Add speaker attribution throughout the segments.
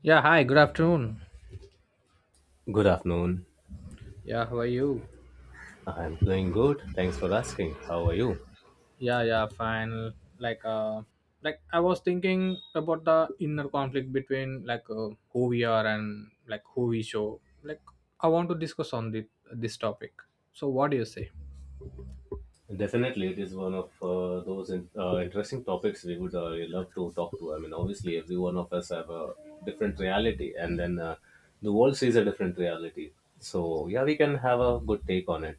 Speaker 1: Yeah, hi, good afternoon.
Speaker 2: Good afternoon.
Speaker 1: Yeah, how are you?
Speaker 2: I'm doing good. Thanks for asking. How are you?
Speaker 1: Yeah, yeah, fine. Like uh like I was thinking about the inner conflict between who we are and like who we show. Like I want to discuss on this topic. So what do you say?
Speaker 2: Definitely, it is one of interesting topics we would love to talk to. I mean, obviously, every one of us have a different reality, and then the world sees a different reality. So, yeah, we can have a good take on it.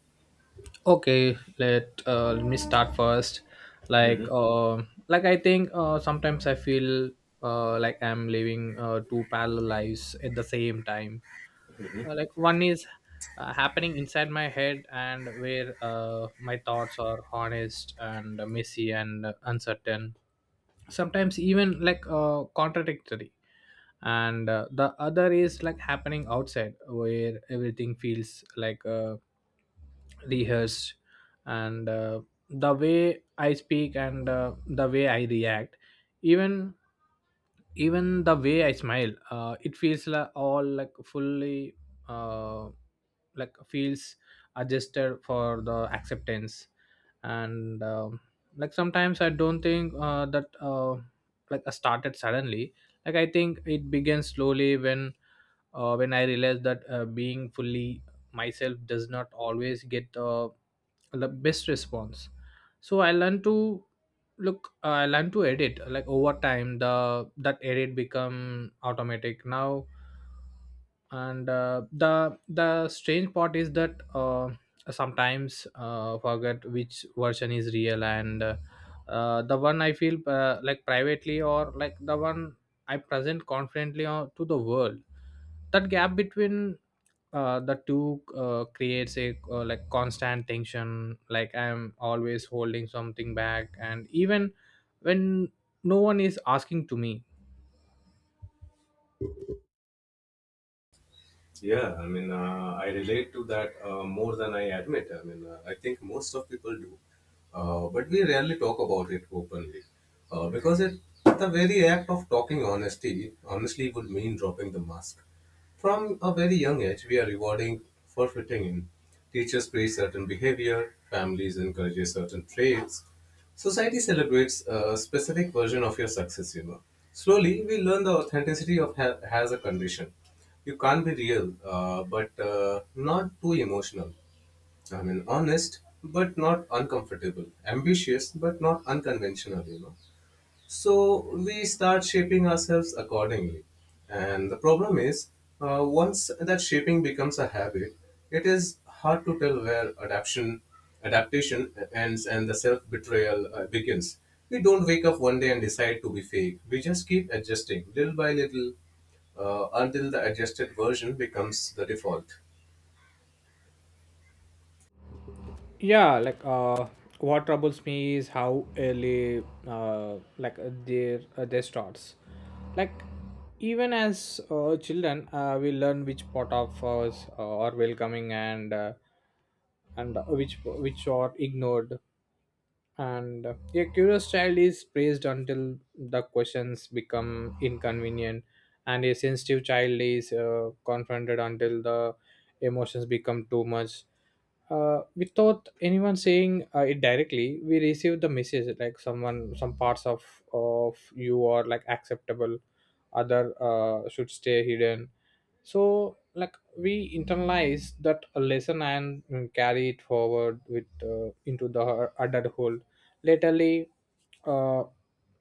Speaker 1: Okay, let me start first. Like uh like I think sometimes I feel like I'm living two parallel lives at the same time. Like one is happening inside my head and where my thoughts are honest and messy and uncertain, sometimes even contradictory, and the other is like happening outside where everything feels rehearsed, and the way I speak and the way I react, even even the way I smile. It feels like all like fully uh, like feels adjusted for the acceptance. And like sometimes I don't think that I started suddenly. Like I think it began slowly when, when I realized that being fully myself does not always get the best response. So I learned to look I learned to edit, like over time the, that edit become automatic now. And the strange part is that, sometimes forget which version is real, and the one I feel, like privately, or like the one I present confidently to the world. That gap between the two creates a, like constant tension. Like I am always holding something back, and even when no one is asking to me.
Speaker 2: Yeah, I mean, I relate to that more than I admit. I mean, I think most of people do, but we rarely talk about it openly because it the very act of talking honesty honestly would mean dropping the mask. From a very young age, we are rewarding for fitting in. Teachers praise certain behavior, families encourage certain traits, society celebrates a specific version of your success, you know. Slowly, we learn the authenticity of has a condition. You can't be real, but not too emotional. I mean, honest, but not uncomfortable. Ambitious, but not unconventional, you know. So we start shaping ourselves accordingly. And the problem is, once that shaping becomes a habit, it is hard to tell where adaptation ends and the self betrayal begins. We don't wake up one day and decide to be fake. We just keep adjusting little by little until the adjusted version becomes the default.
Speaker 1: Yeah. What troubles me is how early, their starts. Like even as children, we learn which part of us are welcoming, and and which are ignored, and a curious child is praised until the questions become inconvenient, and a sensitive child is confronted until the emotions become too much. Without anyone saying it directly, we receive the message like someone, some parts of you are like acceptable, other should stay hidden. So like we internalize that lesson and carry it forward with, into the adulthood. Latterly, uh,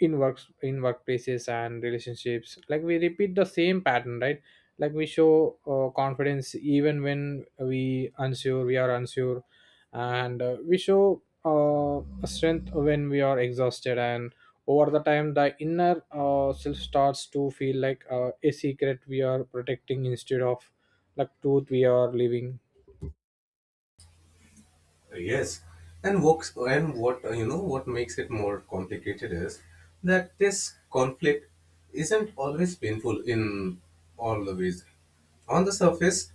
Speaker 1: in works, in workplaces and relationships, like we repeat the same pattern, right? Like we show confidence even when we are unsure, and we show strength when we are exhausted. And over the time, the inner self starts to feel like a secret we are protecting instead of like truth we are living.
Speaker 2: Yes, and what you know what makes it more complicated is that this conflict isn't always painful in all the ways. On the surface,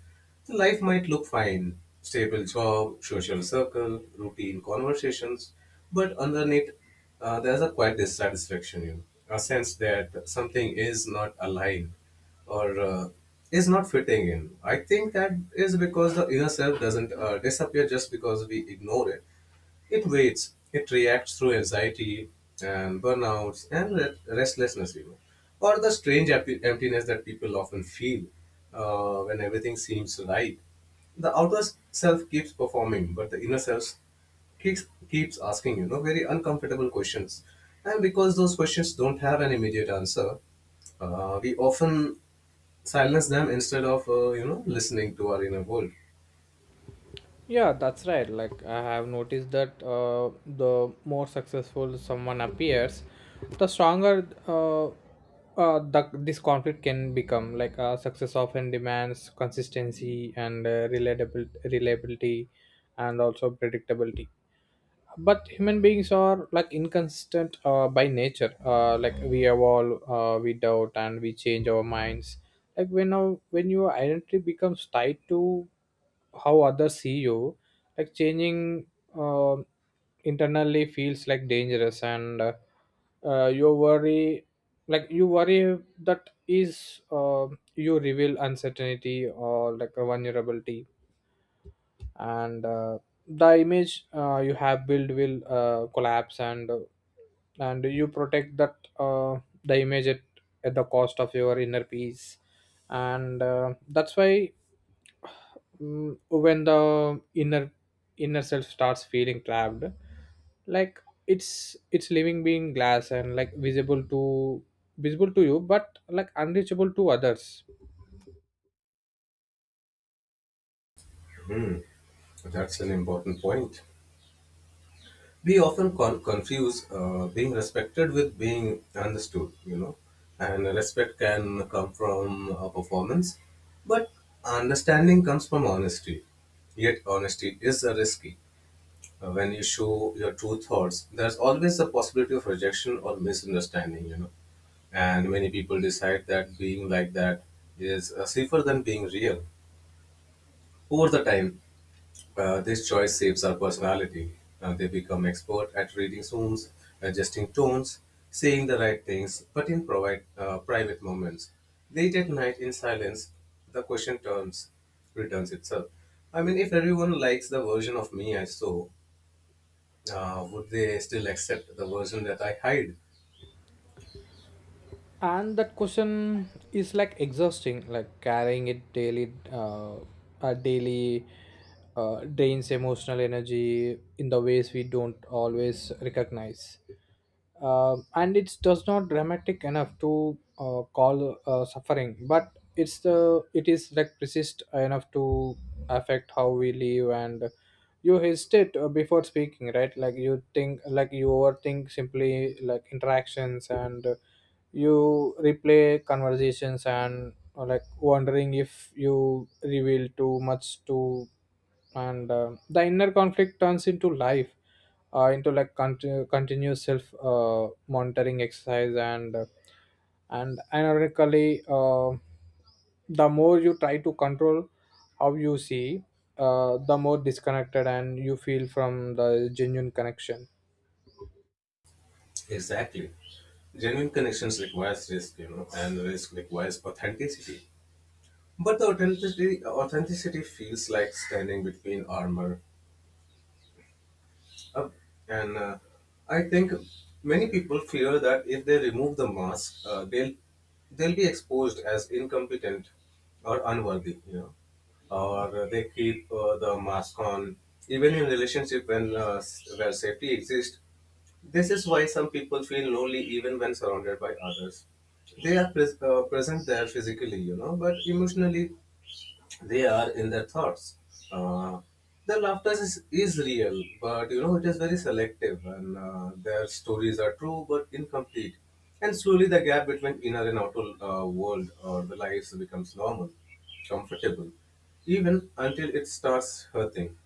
Speaker 2: the life might look fine, stable job, social circle, routine conversations, but underneath, there's a quiet dissatisfaction, you know, a sense that something is not aligned or is not fitting in. I think that is because the inner self doesn't disappear just because we ignore it. It waits, it reacts through anxiety and burnouts and restlessness, even, or the strange emptiness that people often feel when everything seems right. The outer self keeps performing, but the inner self keeps keeps asking, you know, very uncomfortable questions, and because those questions don't have an immediate answer, we often silence them instead of, you know, listening to our inner world.
Speaker 1: Yeah, that's right. Like I have noticed that the more successful someone appears, the stronger, this conflict can become. Success often demands consistency and reliable reliability, and also predictability. But human beings are like inconsistent by nature. Like we evolve, we doubt and we change our minds. Like when when your identity becomes tied to how others see you, like changing uh, internally feels like dangerous. And you worry, like you worry that is you reveal uncertainty or like a vulnerability, and the image you have built will collapse, and and you protect that the image at the cost of your inner peace. And that's why, when the inner self starts feeling trapped, like it's living being glass and like visible to you but like unreachable to others.
Speaker 2: Hmm. That's an important point. We often confuse being respected with being understood, you know, and respect can come from a performance, but understanding comes from honesty. Yet honesty is a risky. When you show your true thoughts there's always a possibility of rejection or misunderstanding, you know, and many people decide that being like that is safer than being real. Over the time, this choice shapes our personality. They become expert at reading rooms, adjusting tones, saying the right things, but in private moments. Late at night in silence, the returns itself. I mean, if everyone likes the version of me I saw, would they still accept the version that I hide?
Speaker 1: And that question is like exhausting, like carrying it daily, uh daily drains emotional energy in the ways we don't always recognize. And it does not dramatic enough to call suffering, but it is like persist enough to affect how we live. And you hesitate before speaking, right? Like you think, like you overthink simply like interactions, and you replay conversations, and or like wondering if you reveal too much to. And the inner conflict turns into life, into like continuous self monitoring exercise. And ironically, the more you try to control how you see, the more disconnected and you feel from the genuine connection.
Speaker 2: Exactly. Genuine connections requires risk, you know, and risk requires authenticity. But the authenticity feels like standing between armor. Uh, and I think many people fear that if they remove the mask, uh, they'll be exposed as incompetent or unworthy. You know, or they keep the mask on even in relationship when where safety exists. This is why some people feel lonely even when surrounded by others. They are present there physically, you know, but emotionally they are in their thoughts. Uh, their laughter is real, but you know it is very selective, and their stories are true but incomplete. And slowly, the gap between inner and outer world or the lives becomes normal, comfortable, even until it starts hurting.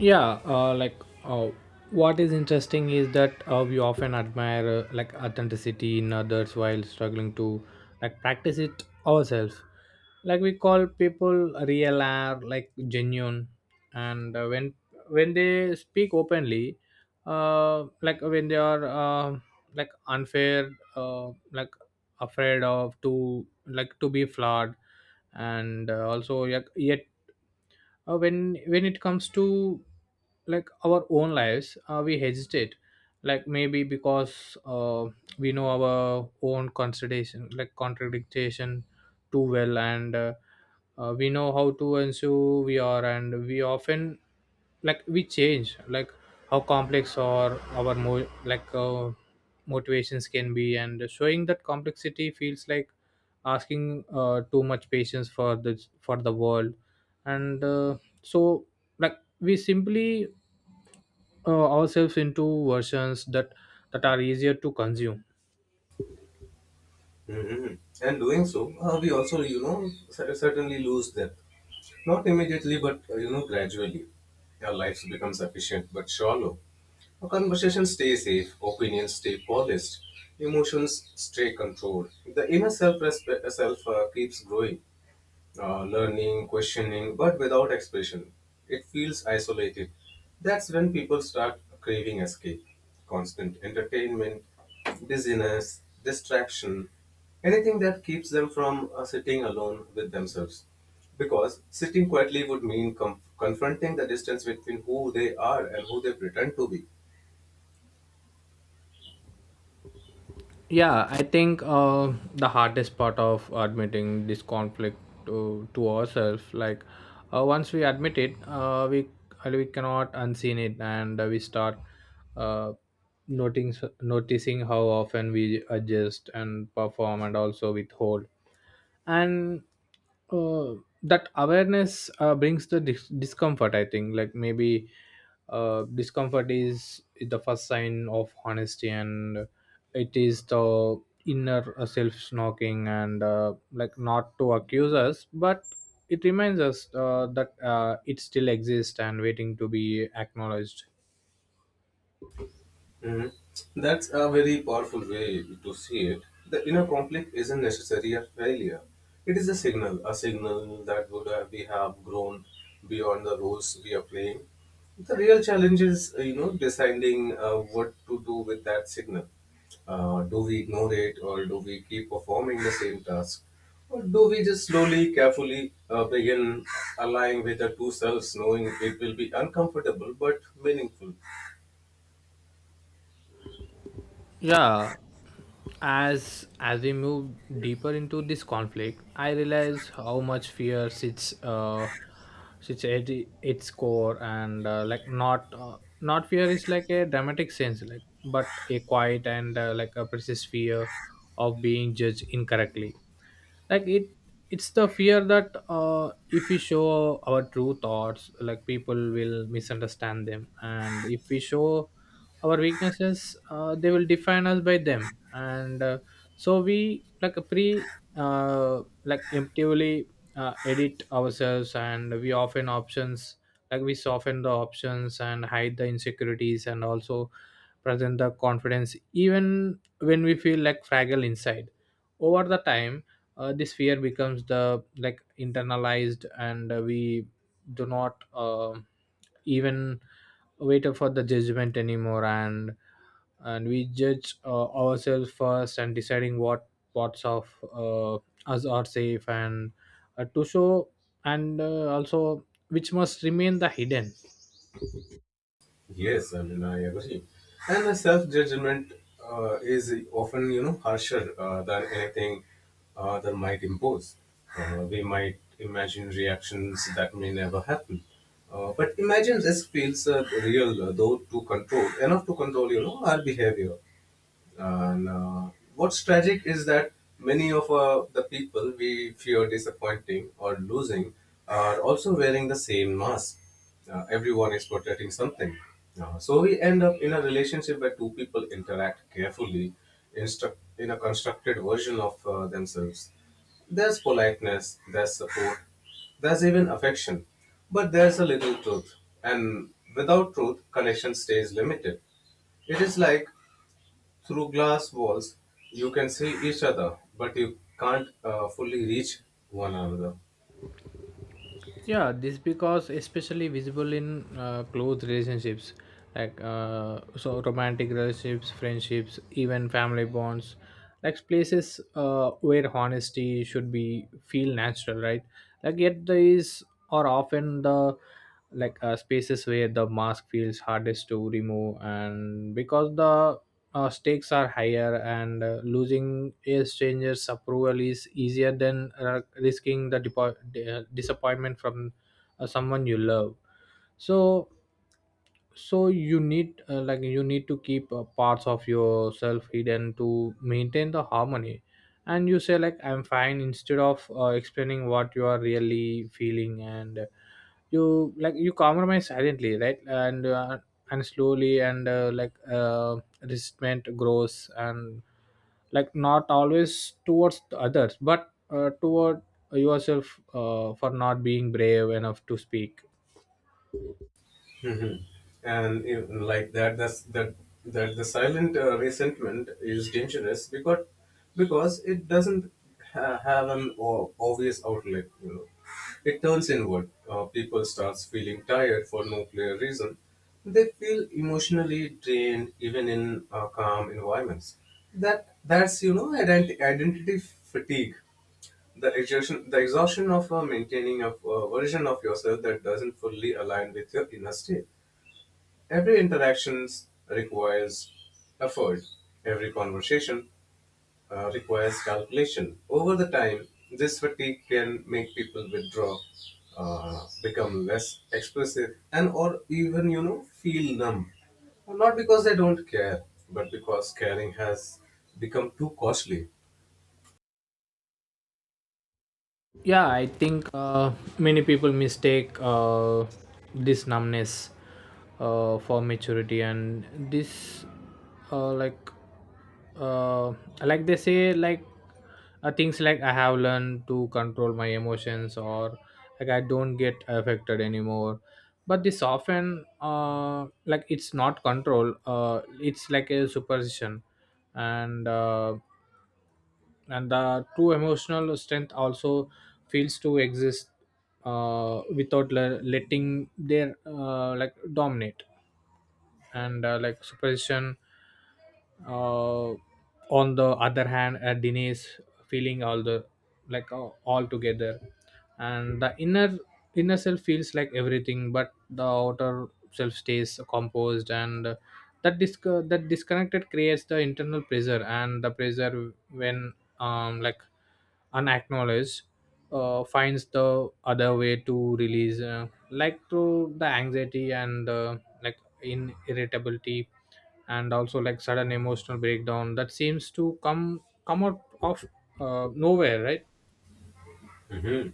Speaker 1: yeah uh, like uh, what is interesting is that, we often admire, like authenticity in others while struggling to like practice it ourselves. Like we call people real or like genuine and when they speak openly, like when they are, like unfair, like afraid of to like to be flawed. And yet, when it comes to like our own lives, we hesitate, like maybe because, we know our own contradiction too well. And we know how to ensure we are, and we often, like we change like how complex or our motivations can be, and showing that complexity feels like asking too much patience for the world. And uh, so like we simply, ourselves into versions that, that are easier to consume.
Speaker 2: Mhm. And doing so, we also, you know, certainly lose depth. Not immediately, but you know, gradually. Our lives becomes efficient but shallow. Our conversations stay safe, opinions stay polished, emotions stay controlled. The inner self keeps growing, learning, questioning, but without expression. It feels isolated. That's when people start craving escape, constant entertainment, busyness, distraction, anything that keeps them from sitting alone with themselves. Because sitting quietly would mean confronting the distance between who they are and who they pretend to be.
Speaker 1: Yeah, I think the hardest part of admitting this conflict to ourselves, like once we admit it, we cannot unseen it, and we start, uh, noting noticing how often we adjust and perform, and also withhold. And uh, that awareness brings the discomfort. I think, like maybe, discomfort is the first sign of honesty, and it is the inner self knocking, and like not to accuse us, but it reminds us that it still exists and waiting to be acknowledged.
Speaker 2: Mhm. That's a very powerful way to see it. The inner conflict isn't necessarily a failure. It is a signal that we have grown beyond the roles we are playing. The real challenge is, you know, deciding what to do with that signal. Do we ignore it, or do we keep performing the same task, or do we just slowly, carefully begin aligning with the two selves, knowing it will be uncomfortable but meaningful?
Speaker 1: Yeah, as we move deeper into this conflict, I realize how much fear sits, sits at its core. And like not, not fear is like a dramatic sense, like but a quiet and like a precise fear of being judged incorrectly. Like it, it's the fear that, if we show our true thoughts, like people will misunderstand them, and if we show our weaknesses, they will define us by them. And so we like a pre emptively edit ourselves, and we often options, like we soften the options and hide the insecurities, and also present the confidence even when we feel like fragile inside. Over the time, this fear becomes the like internalized, and we do not, even wait for the judgment anymore, and we judge ourselves first, and deciding what parts of, us are safe and to show, and also which must remain the hidden.
Speaker 2: Yes, I mean, I agree. And the self judgment is often, you know, harsher than anything that might impose. We might imagine reactions that may never happen. But imagine this feels real, enough to control, you know, our behavior. And what's tragic is that many of the people we fear disappointing or losing are also wearing the same mask. Everyone is protecting something. So we end up in a relationship where two people interact carefully in a constructed version of themselves. There's politeness, there's support, there's even affection. But there's a little truth, and without truth, connection stays limited. It is like through glass walls, you can see each other, but you can't fully reach one another.
Speaker 1: Yeah, this because especially visible in close relationships, like romantic relationships, friendships, even family bonds, like places where honesty should be feel natural, right? Like yet these are often the, spaces where the mask feels hardest to remove, and because the stakes are higher, and losing a stranger's approval is easier than risking the disappointment from someone you love. So so you need, like you need to keep parts of yourself hidden to maintain the harmony. And you say like I'm fine instead of explaining what you are really feeling. And you like you compromise silently, right? And slowly, and resentment grows, and like not always towards the others, but toward yourself, for not being brave enough to speak.
Speaker 2: Mhm. And you know, like that, that's that that the silent resentment is dangerous because it doesn't have an obvious outlet. You know, it turns inward. People starts feeling tired for no clear reason. They feel emotionally drained even in calm environments. That's you know identity fatigue. The exhaustion of maintaining a version of yourself that doesn't fully align with your inner state. Every interaction requires effort. Every conversation requires calculation. Over the time, this fatigue can make people withdraw, become less expressive, and or even you know feel numb. Not because they don't care, but because caring has become too costly.
Speaker 1: Yeah, I think many people mistake, this numbness, for maturity. And this, uh, like uh, like they say like, things like I have learned to control my emotions, or like I don't get affected anymore. But this often, like it's not control, it's like a superstition. And and the true emotional strength also feels to exist without letting their like dominate. And like superstition, uh, on the other hand, dinesh, feeling all the, all together. And the inner self feels like everything, but the outer self stays composed. And that that disconnected creates the internal pressure. And the pressure when, um like unacknowledged, finds the other way to release, like through the anxiety, and like in irritability, and also like sudden emotional breakdown that seems to come out of, nowhere, right?
Speaker 2: Mhm.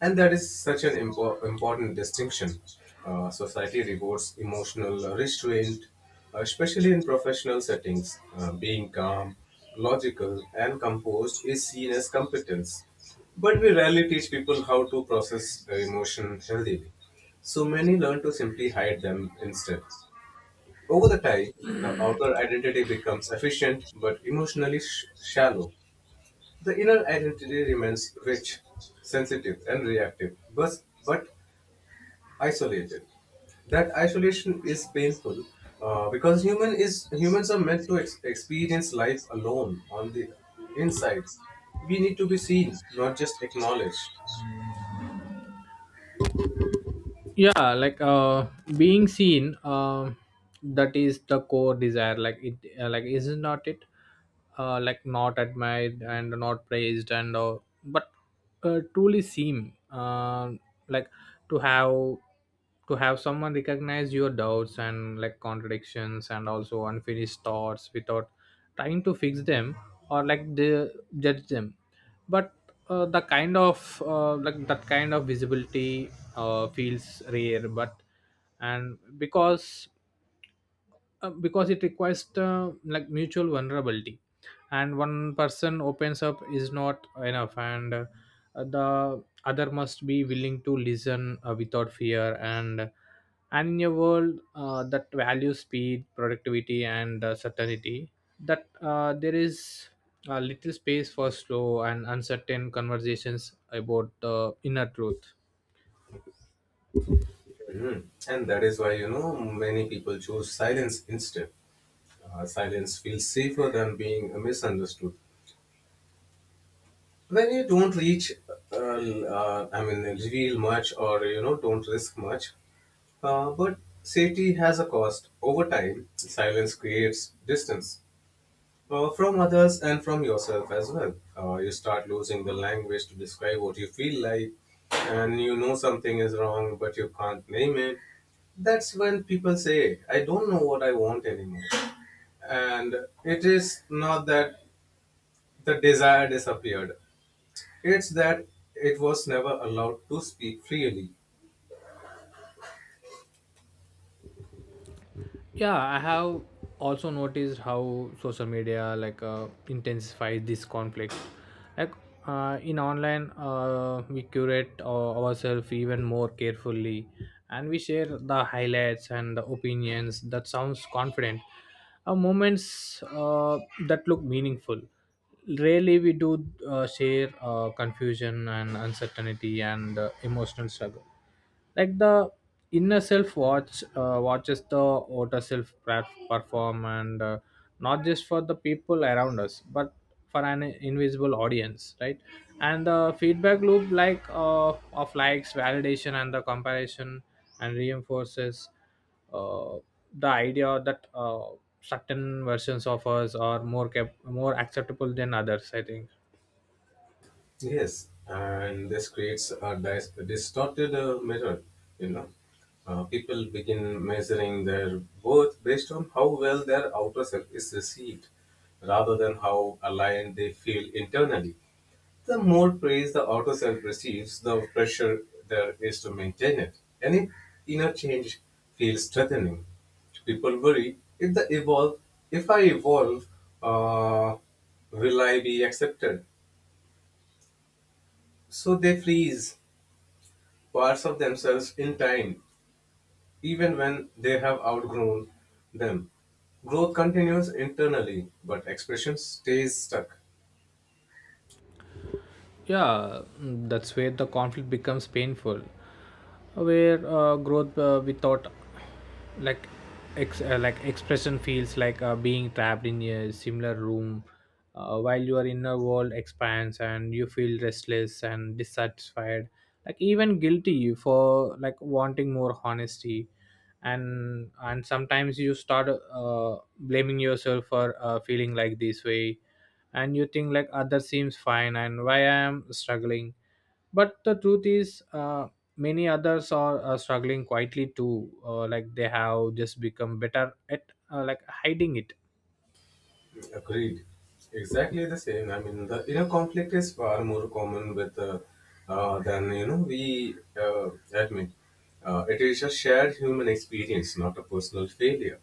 Speaker 2: And that is such an important distinction. Society rewards emotional restraint, especially in professional settings. Being calm, logical, and composed is seen as competence. But we rarely teach people how to process emotion healthily. So many learn to simply hide them instead. Over the time, the outer identity becomes efficient but emotionally shallow. The inner identity remains rich, sensitive, and reactive, but isolated. That isolation is painful because humans are meant to experience life alone on the inside. We need to be seen, not just acknowledged.
Speaker 1: Yeah. Being seen, that is the core desire. Like it, like isn't not it, like not admired and not praised, and but truly seen. Like to have someone recognize your doubts, and like contradictions, and also unfinished thoughts without trying to fix them, or like they judge them. But the kind of, like that kind of visibility, feels rare. But and because, because it requires, like mutual vulnerability, and one person opens up is not enough, and the other must be willing to listen without fear. And in a world that values speed, productivity, and certainty, that there is little space for slow and uncertain conversations about the inner truth.
Speaker 2: Mhm. And that is why you know many people choose silence instead. Silence feels safer than being misunderstood. When you don't uh, reveal much or you know don't risk much, but safety has a cost. Over time, silence creates distance from others and from yourself as well. You start losing the language to describe what you feel like, and you know something is wrong, but you can't name it. That's when people say, I don't know what I want anymore. And it is not that the desire disappeared, it's that it was never allowed to speak freely.
Speaker 1: Yeah, I have also noticed how social media, like intensifies this conflict. like in online, we curate ourselves even more carefully, and we share the highlights and the opinions that sounds confident, moments that look meaningful. Rarely we do share confusion and uncertainty and emotional struggle. Like the inner self watches the outer self perform, and not just for the people around us but for an invisible audience, right? And the feedback loop, of likes, validation, and the comparison, and reinforces uh, the idea that certain versions of us are more more acceptable than others, I think.
Speaker 2: Yes, and this creates a distorted mirror. You know, people begin measuring their worth based on how well their outer self is received, rather than how aligned they feel internally. The more praise the outer self receives, the pressure there is to maintain it. Any inner change feels threatening. People worry if I evolve, uh, will I be accepted? So they freeze parts of themselves in time, even when they have outgrown them. Growth continues internally, but expression stays stuck.
Speaker 1: Yeah. That's where the conflict becomes painful, where growth without like expression feels like being trapped in a similar room, while your inner world expands and you feel restless and dissatisfied, like even guilty for like wanting more honesty. And sometimes you start blaming yourself for feeling like this way, and you think like other seems fine and why I am struggling. But the truth is, many others are struggling quietly too, like they have just become better at like hiding it.
Speaker 2: Agreed. Exactly the same. I mean, the inner conflict is far more common with than you know we admit. It is a shared human experience, not a personal failure.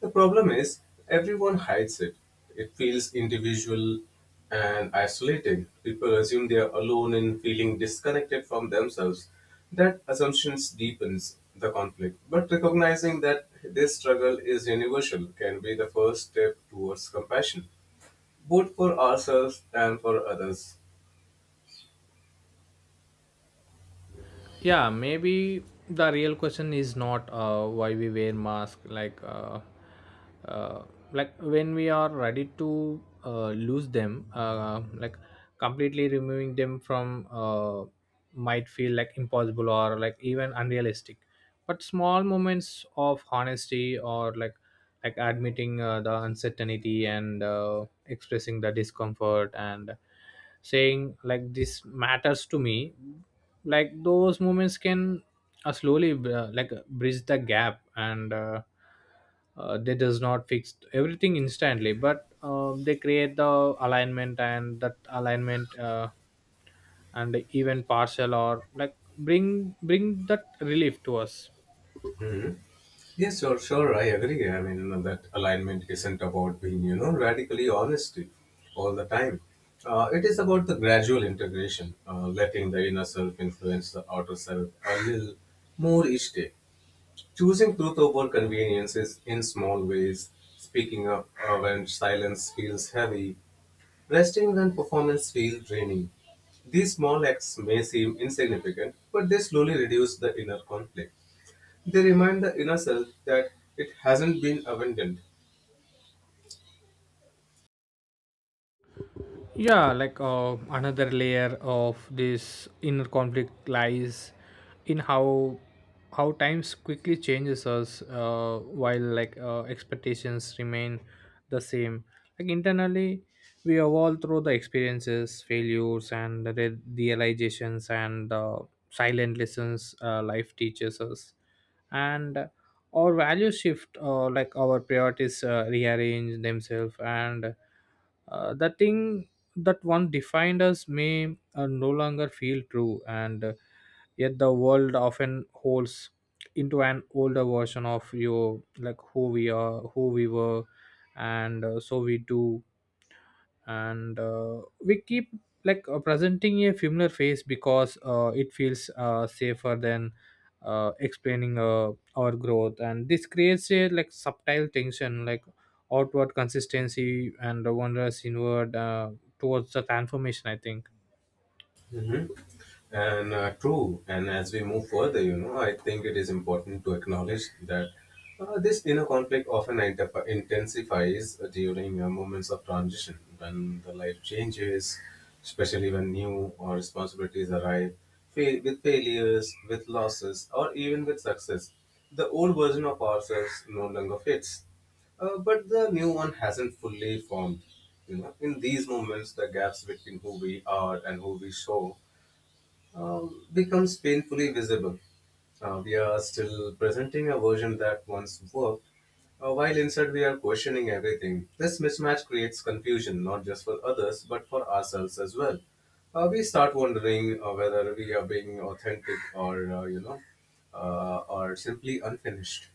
Speaker 2: The problem is, everyone hides it. It feels individual and isolating. People assume they are alone in feeling disconnected from themselves. That assumption deepens the conflict. But recognizing that this struggle is universal can be the first step towards compassion, both for ourselves and for others.
Speaker 1: Yeah, maybe the real question is not why we wear mask, uh, like when we are ready to lose them, like completely removing them from, might feel like impossible or like even unrealistic. But small moments of honesty, or like admitting the uncertainty and expressing the discomfort and saying like this matters to me, like those moments can slowly bridge the gap. And they does not fix everything instantly, but they create the alignment, and that alignment, and even partial or like bring that relief to us.
Speaker 2: Yes, sure, sure, I agree. I mean, you know, that alignment isn't about being, you know, radically honest all the time. It is about the gradual integration, letting the inner self influence the outer self a little more each day. Choosing truth over conveniences in small ways, speaking up when silence feels heavy, resting when performance feels draining. These small acts may seem insignificant, but they slowly reduce the inner conflict. They remind the inner self that it hasn't been abandoned.
Speaker 1: Yeah, like another layer of this inner conflict lies in how times quickly changes us, while like expectations remain the same. Like internally, we evolve through the experiences, failures, and the realizations and silent lessons life teaches us. And our values shift, like our priorities rearrange themselves, and the thing that one defined us may no longer feel true. And yet the world often holds into an older version of you, like who we are, who we were. And so we do, and we keep presenting a familiar face because it feels safer than explaining our growth, and this creates a like subtle tension, like outward consistency and wonders inward towards the transformation, I think.
Speaker 2: Hmm. And true. And as we move further, you know, I think it is important to acknowledge that this inner conflict often intensifies during moments of transition when the life changes, especially when new or responsibilities arrive, with failures, with losses, or even with success. The old version of ourselves no longer fits but the new one hasn't fully formed. You know, in these moments, the gaps between who we are and who we show becomes painfully visible. We are still presenting a version that once worked, while inside we are questioning everything. This mismatch creates confusion, not just for others, but for ourselves as well. We start wondering whether we are being authentic or or simply unfinished.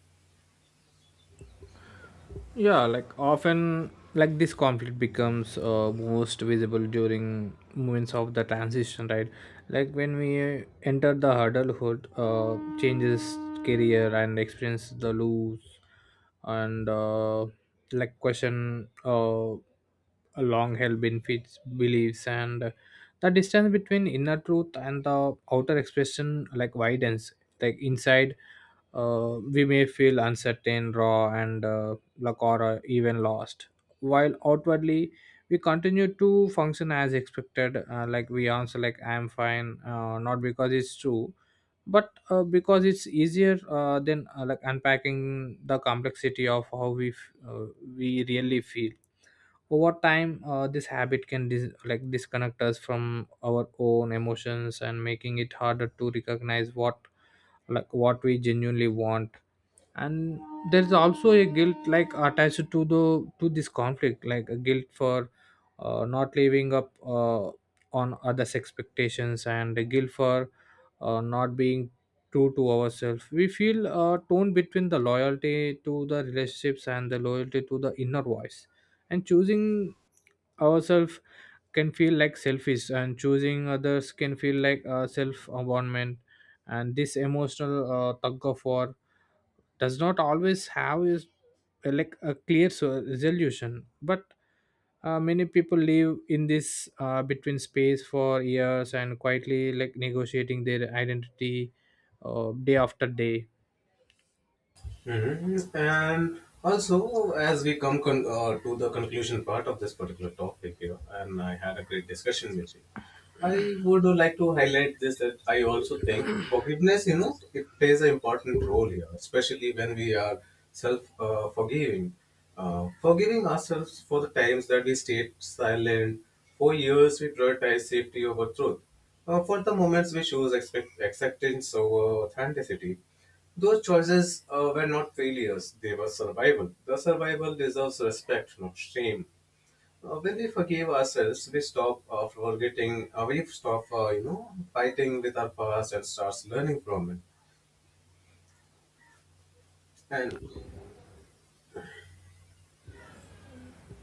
Speaker 1: Yeah, like often, like this conflict becomes most visible during moments of the transition, right? Like when we enter the adulthood, changes career and experience the loss, and like question a long held benefits, beliefs, and the distance between inner truth and the outer expression like widens. Like inside, we may feel uncertain, raw, and luck or even lost, while outwardly we continue to function as expected, like we answer like I'm fine, not because it's true but because it's easier than like unpacking the complexity of how we we really feel. Over time, this habit can like disconnect us from our own emotions and making it harder to recognize what we genuinely want. And there's also a guilt like attached to the to this conflict, like a guilt for not living up on others expectations, and a guilt for not being true to ourselves. We feel torn between the loyalty to the relationships and the loyalty to the inner voice, and choosing ourselves can feel like selfish, and choosing others can feel like self abandonment. And this emotional tug of war does not always have is like a clear resolution. But many people live in this between space for years, and quietly like negotiating their identity day after day.
Speaker 2: Mhm. And also, as we come to the conclusion part of this particular topic here, and I had a great discussion with you, I would like to highlight this that I also think forgiveness, you know, it plays an important role here, especially when we are self forgiving. Forgiving ourselves for the times that we stayed silent, for years we prioritize safety over truth. For the moments we choose acceptance over authenticity, those choices were not failures, they were survival. The survival deserves respect, not shame. When we forgive ourselves, we stop we stop, you know, fighting with our past and starts learning from it. And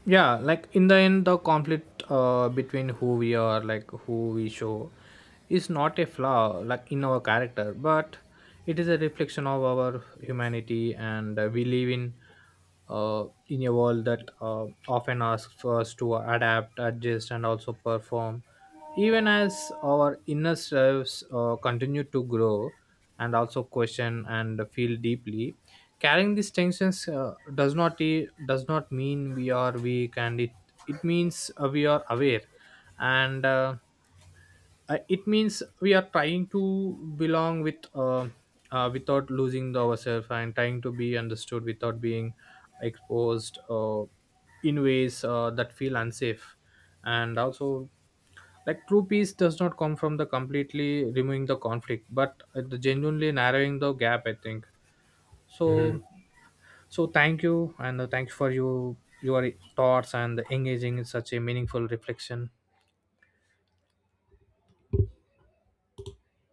Speaker 1: Yeah, like in the end, the conflict between who we are, like who we show, is not a flaw like in our character, but it is a reflection of our humanity. And we live in a world that often asks us to adapt, adjust, and also perform, even as our inner selves continue to grow and also question and feel deeply. Carrying these tensions does not e- does not mean we are weak, and it means we are aware, and it means we are trying to belong with, without losing the ourselves, and trying to be understood without being exposed in ways that feel unsafe. And also, like true peace does not come from the completely removing the conflict, but the genuinely narrowing the gap, I think. So so thank you, and thanks for you your thoughts and engaging in such a meaningful reflection.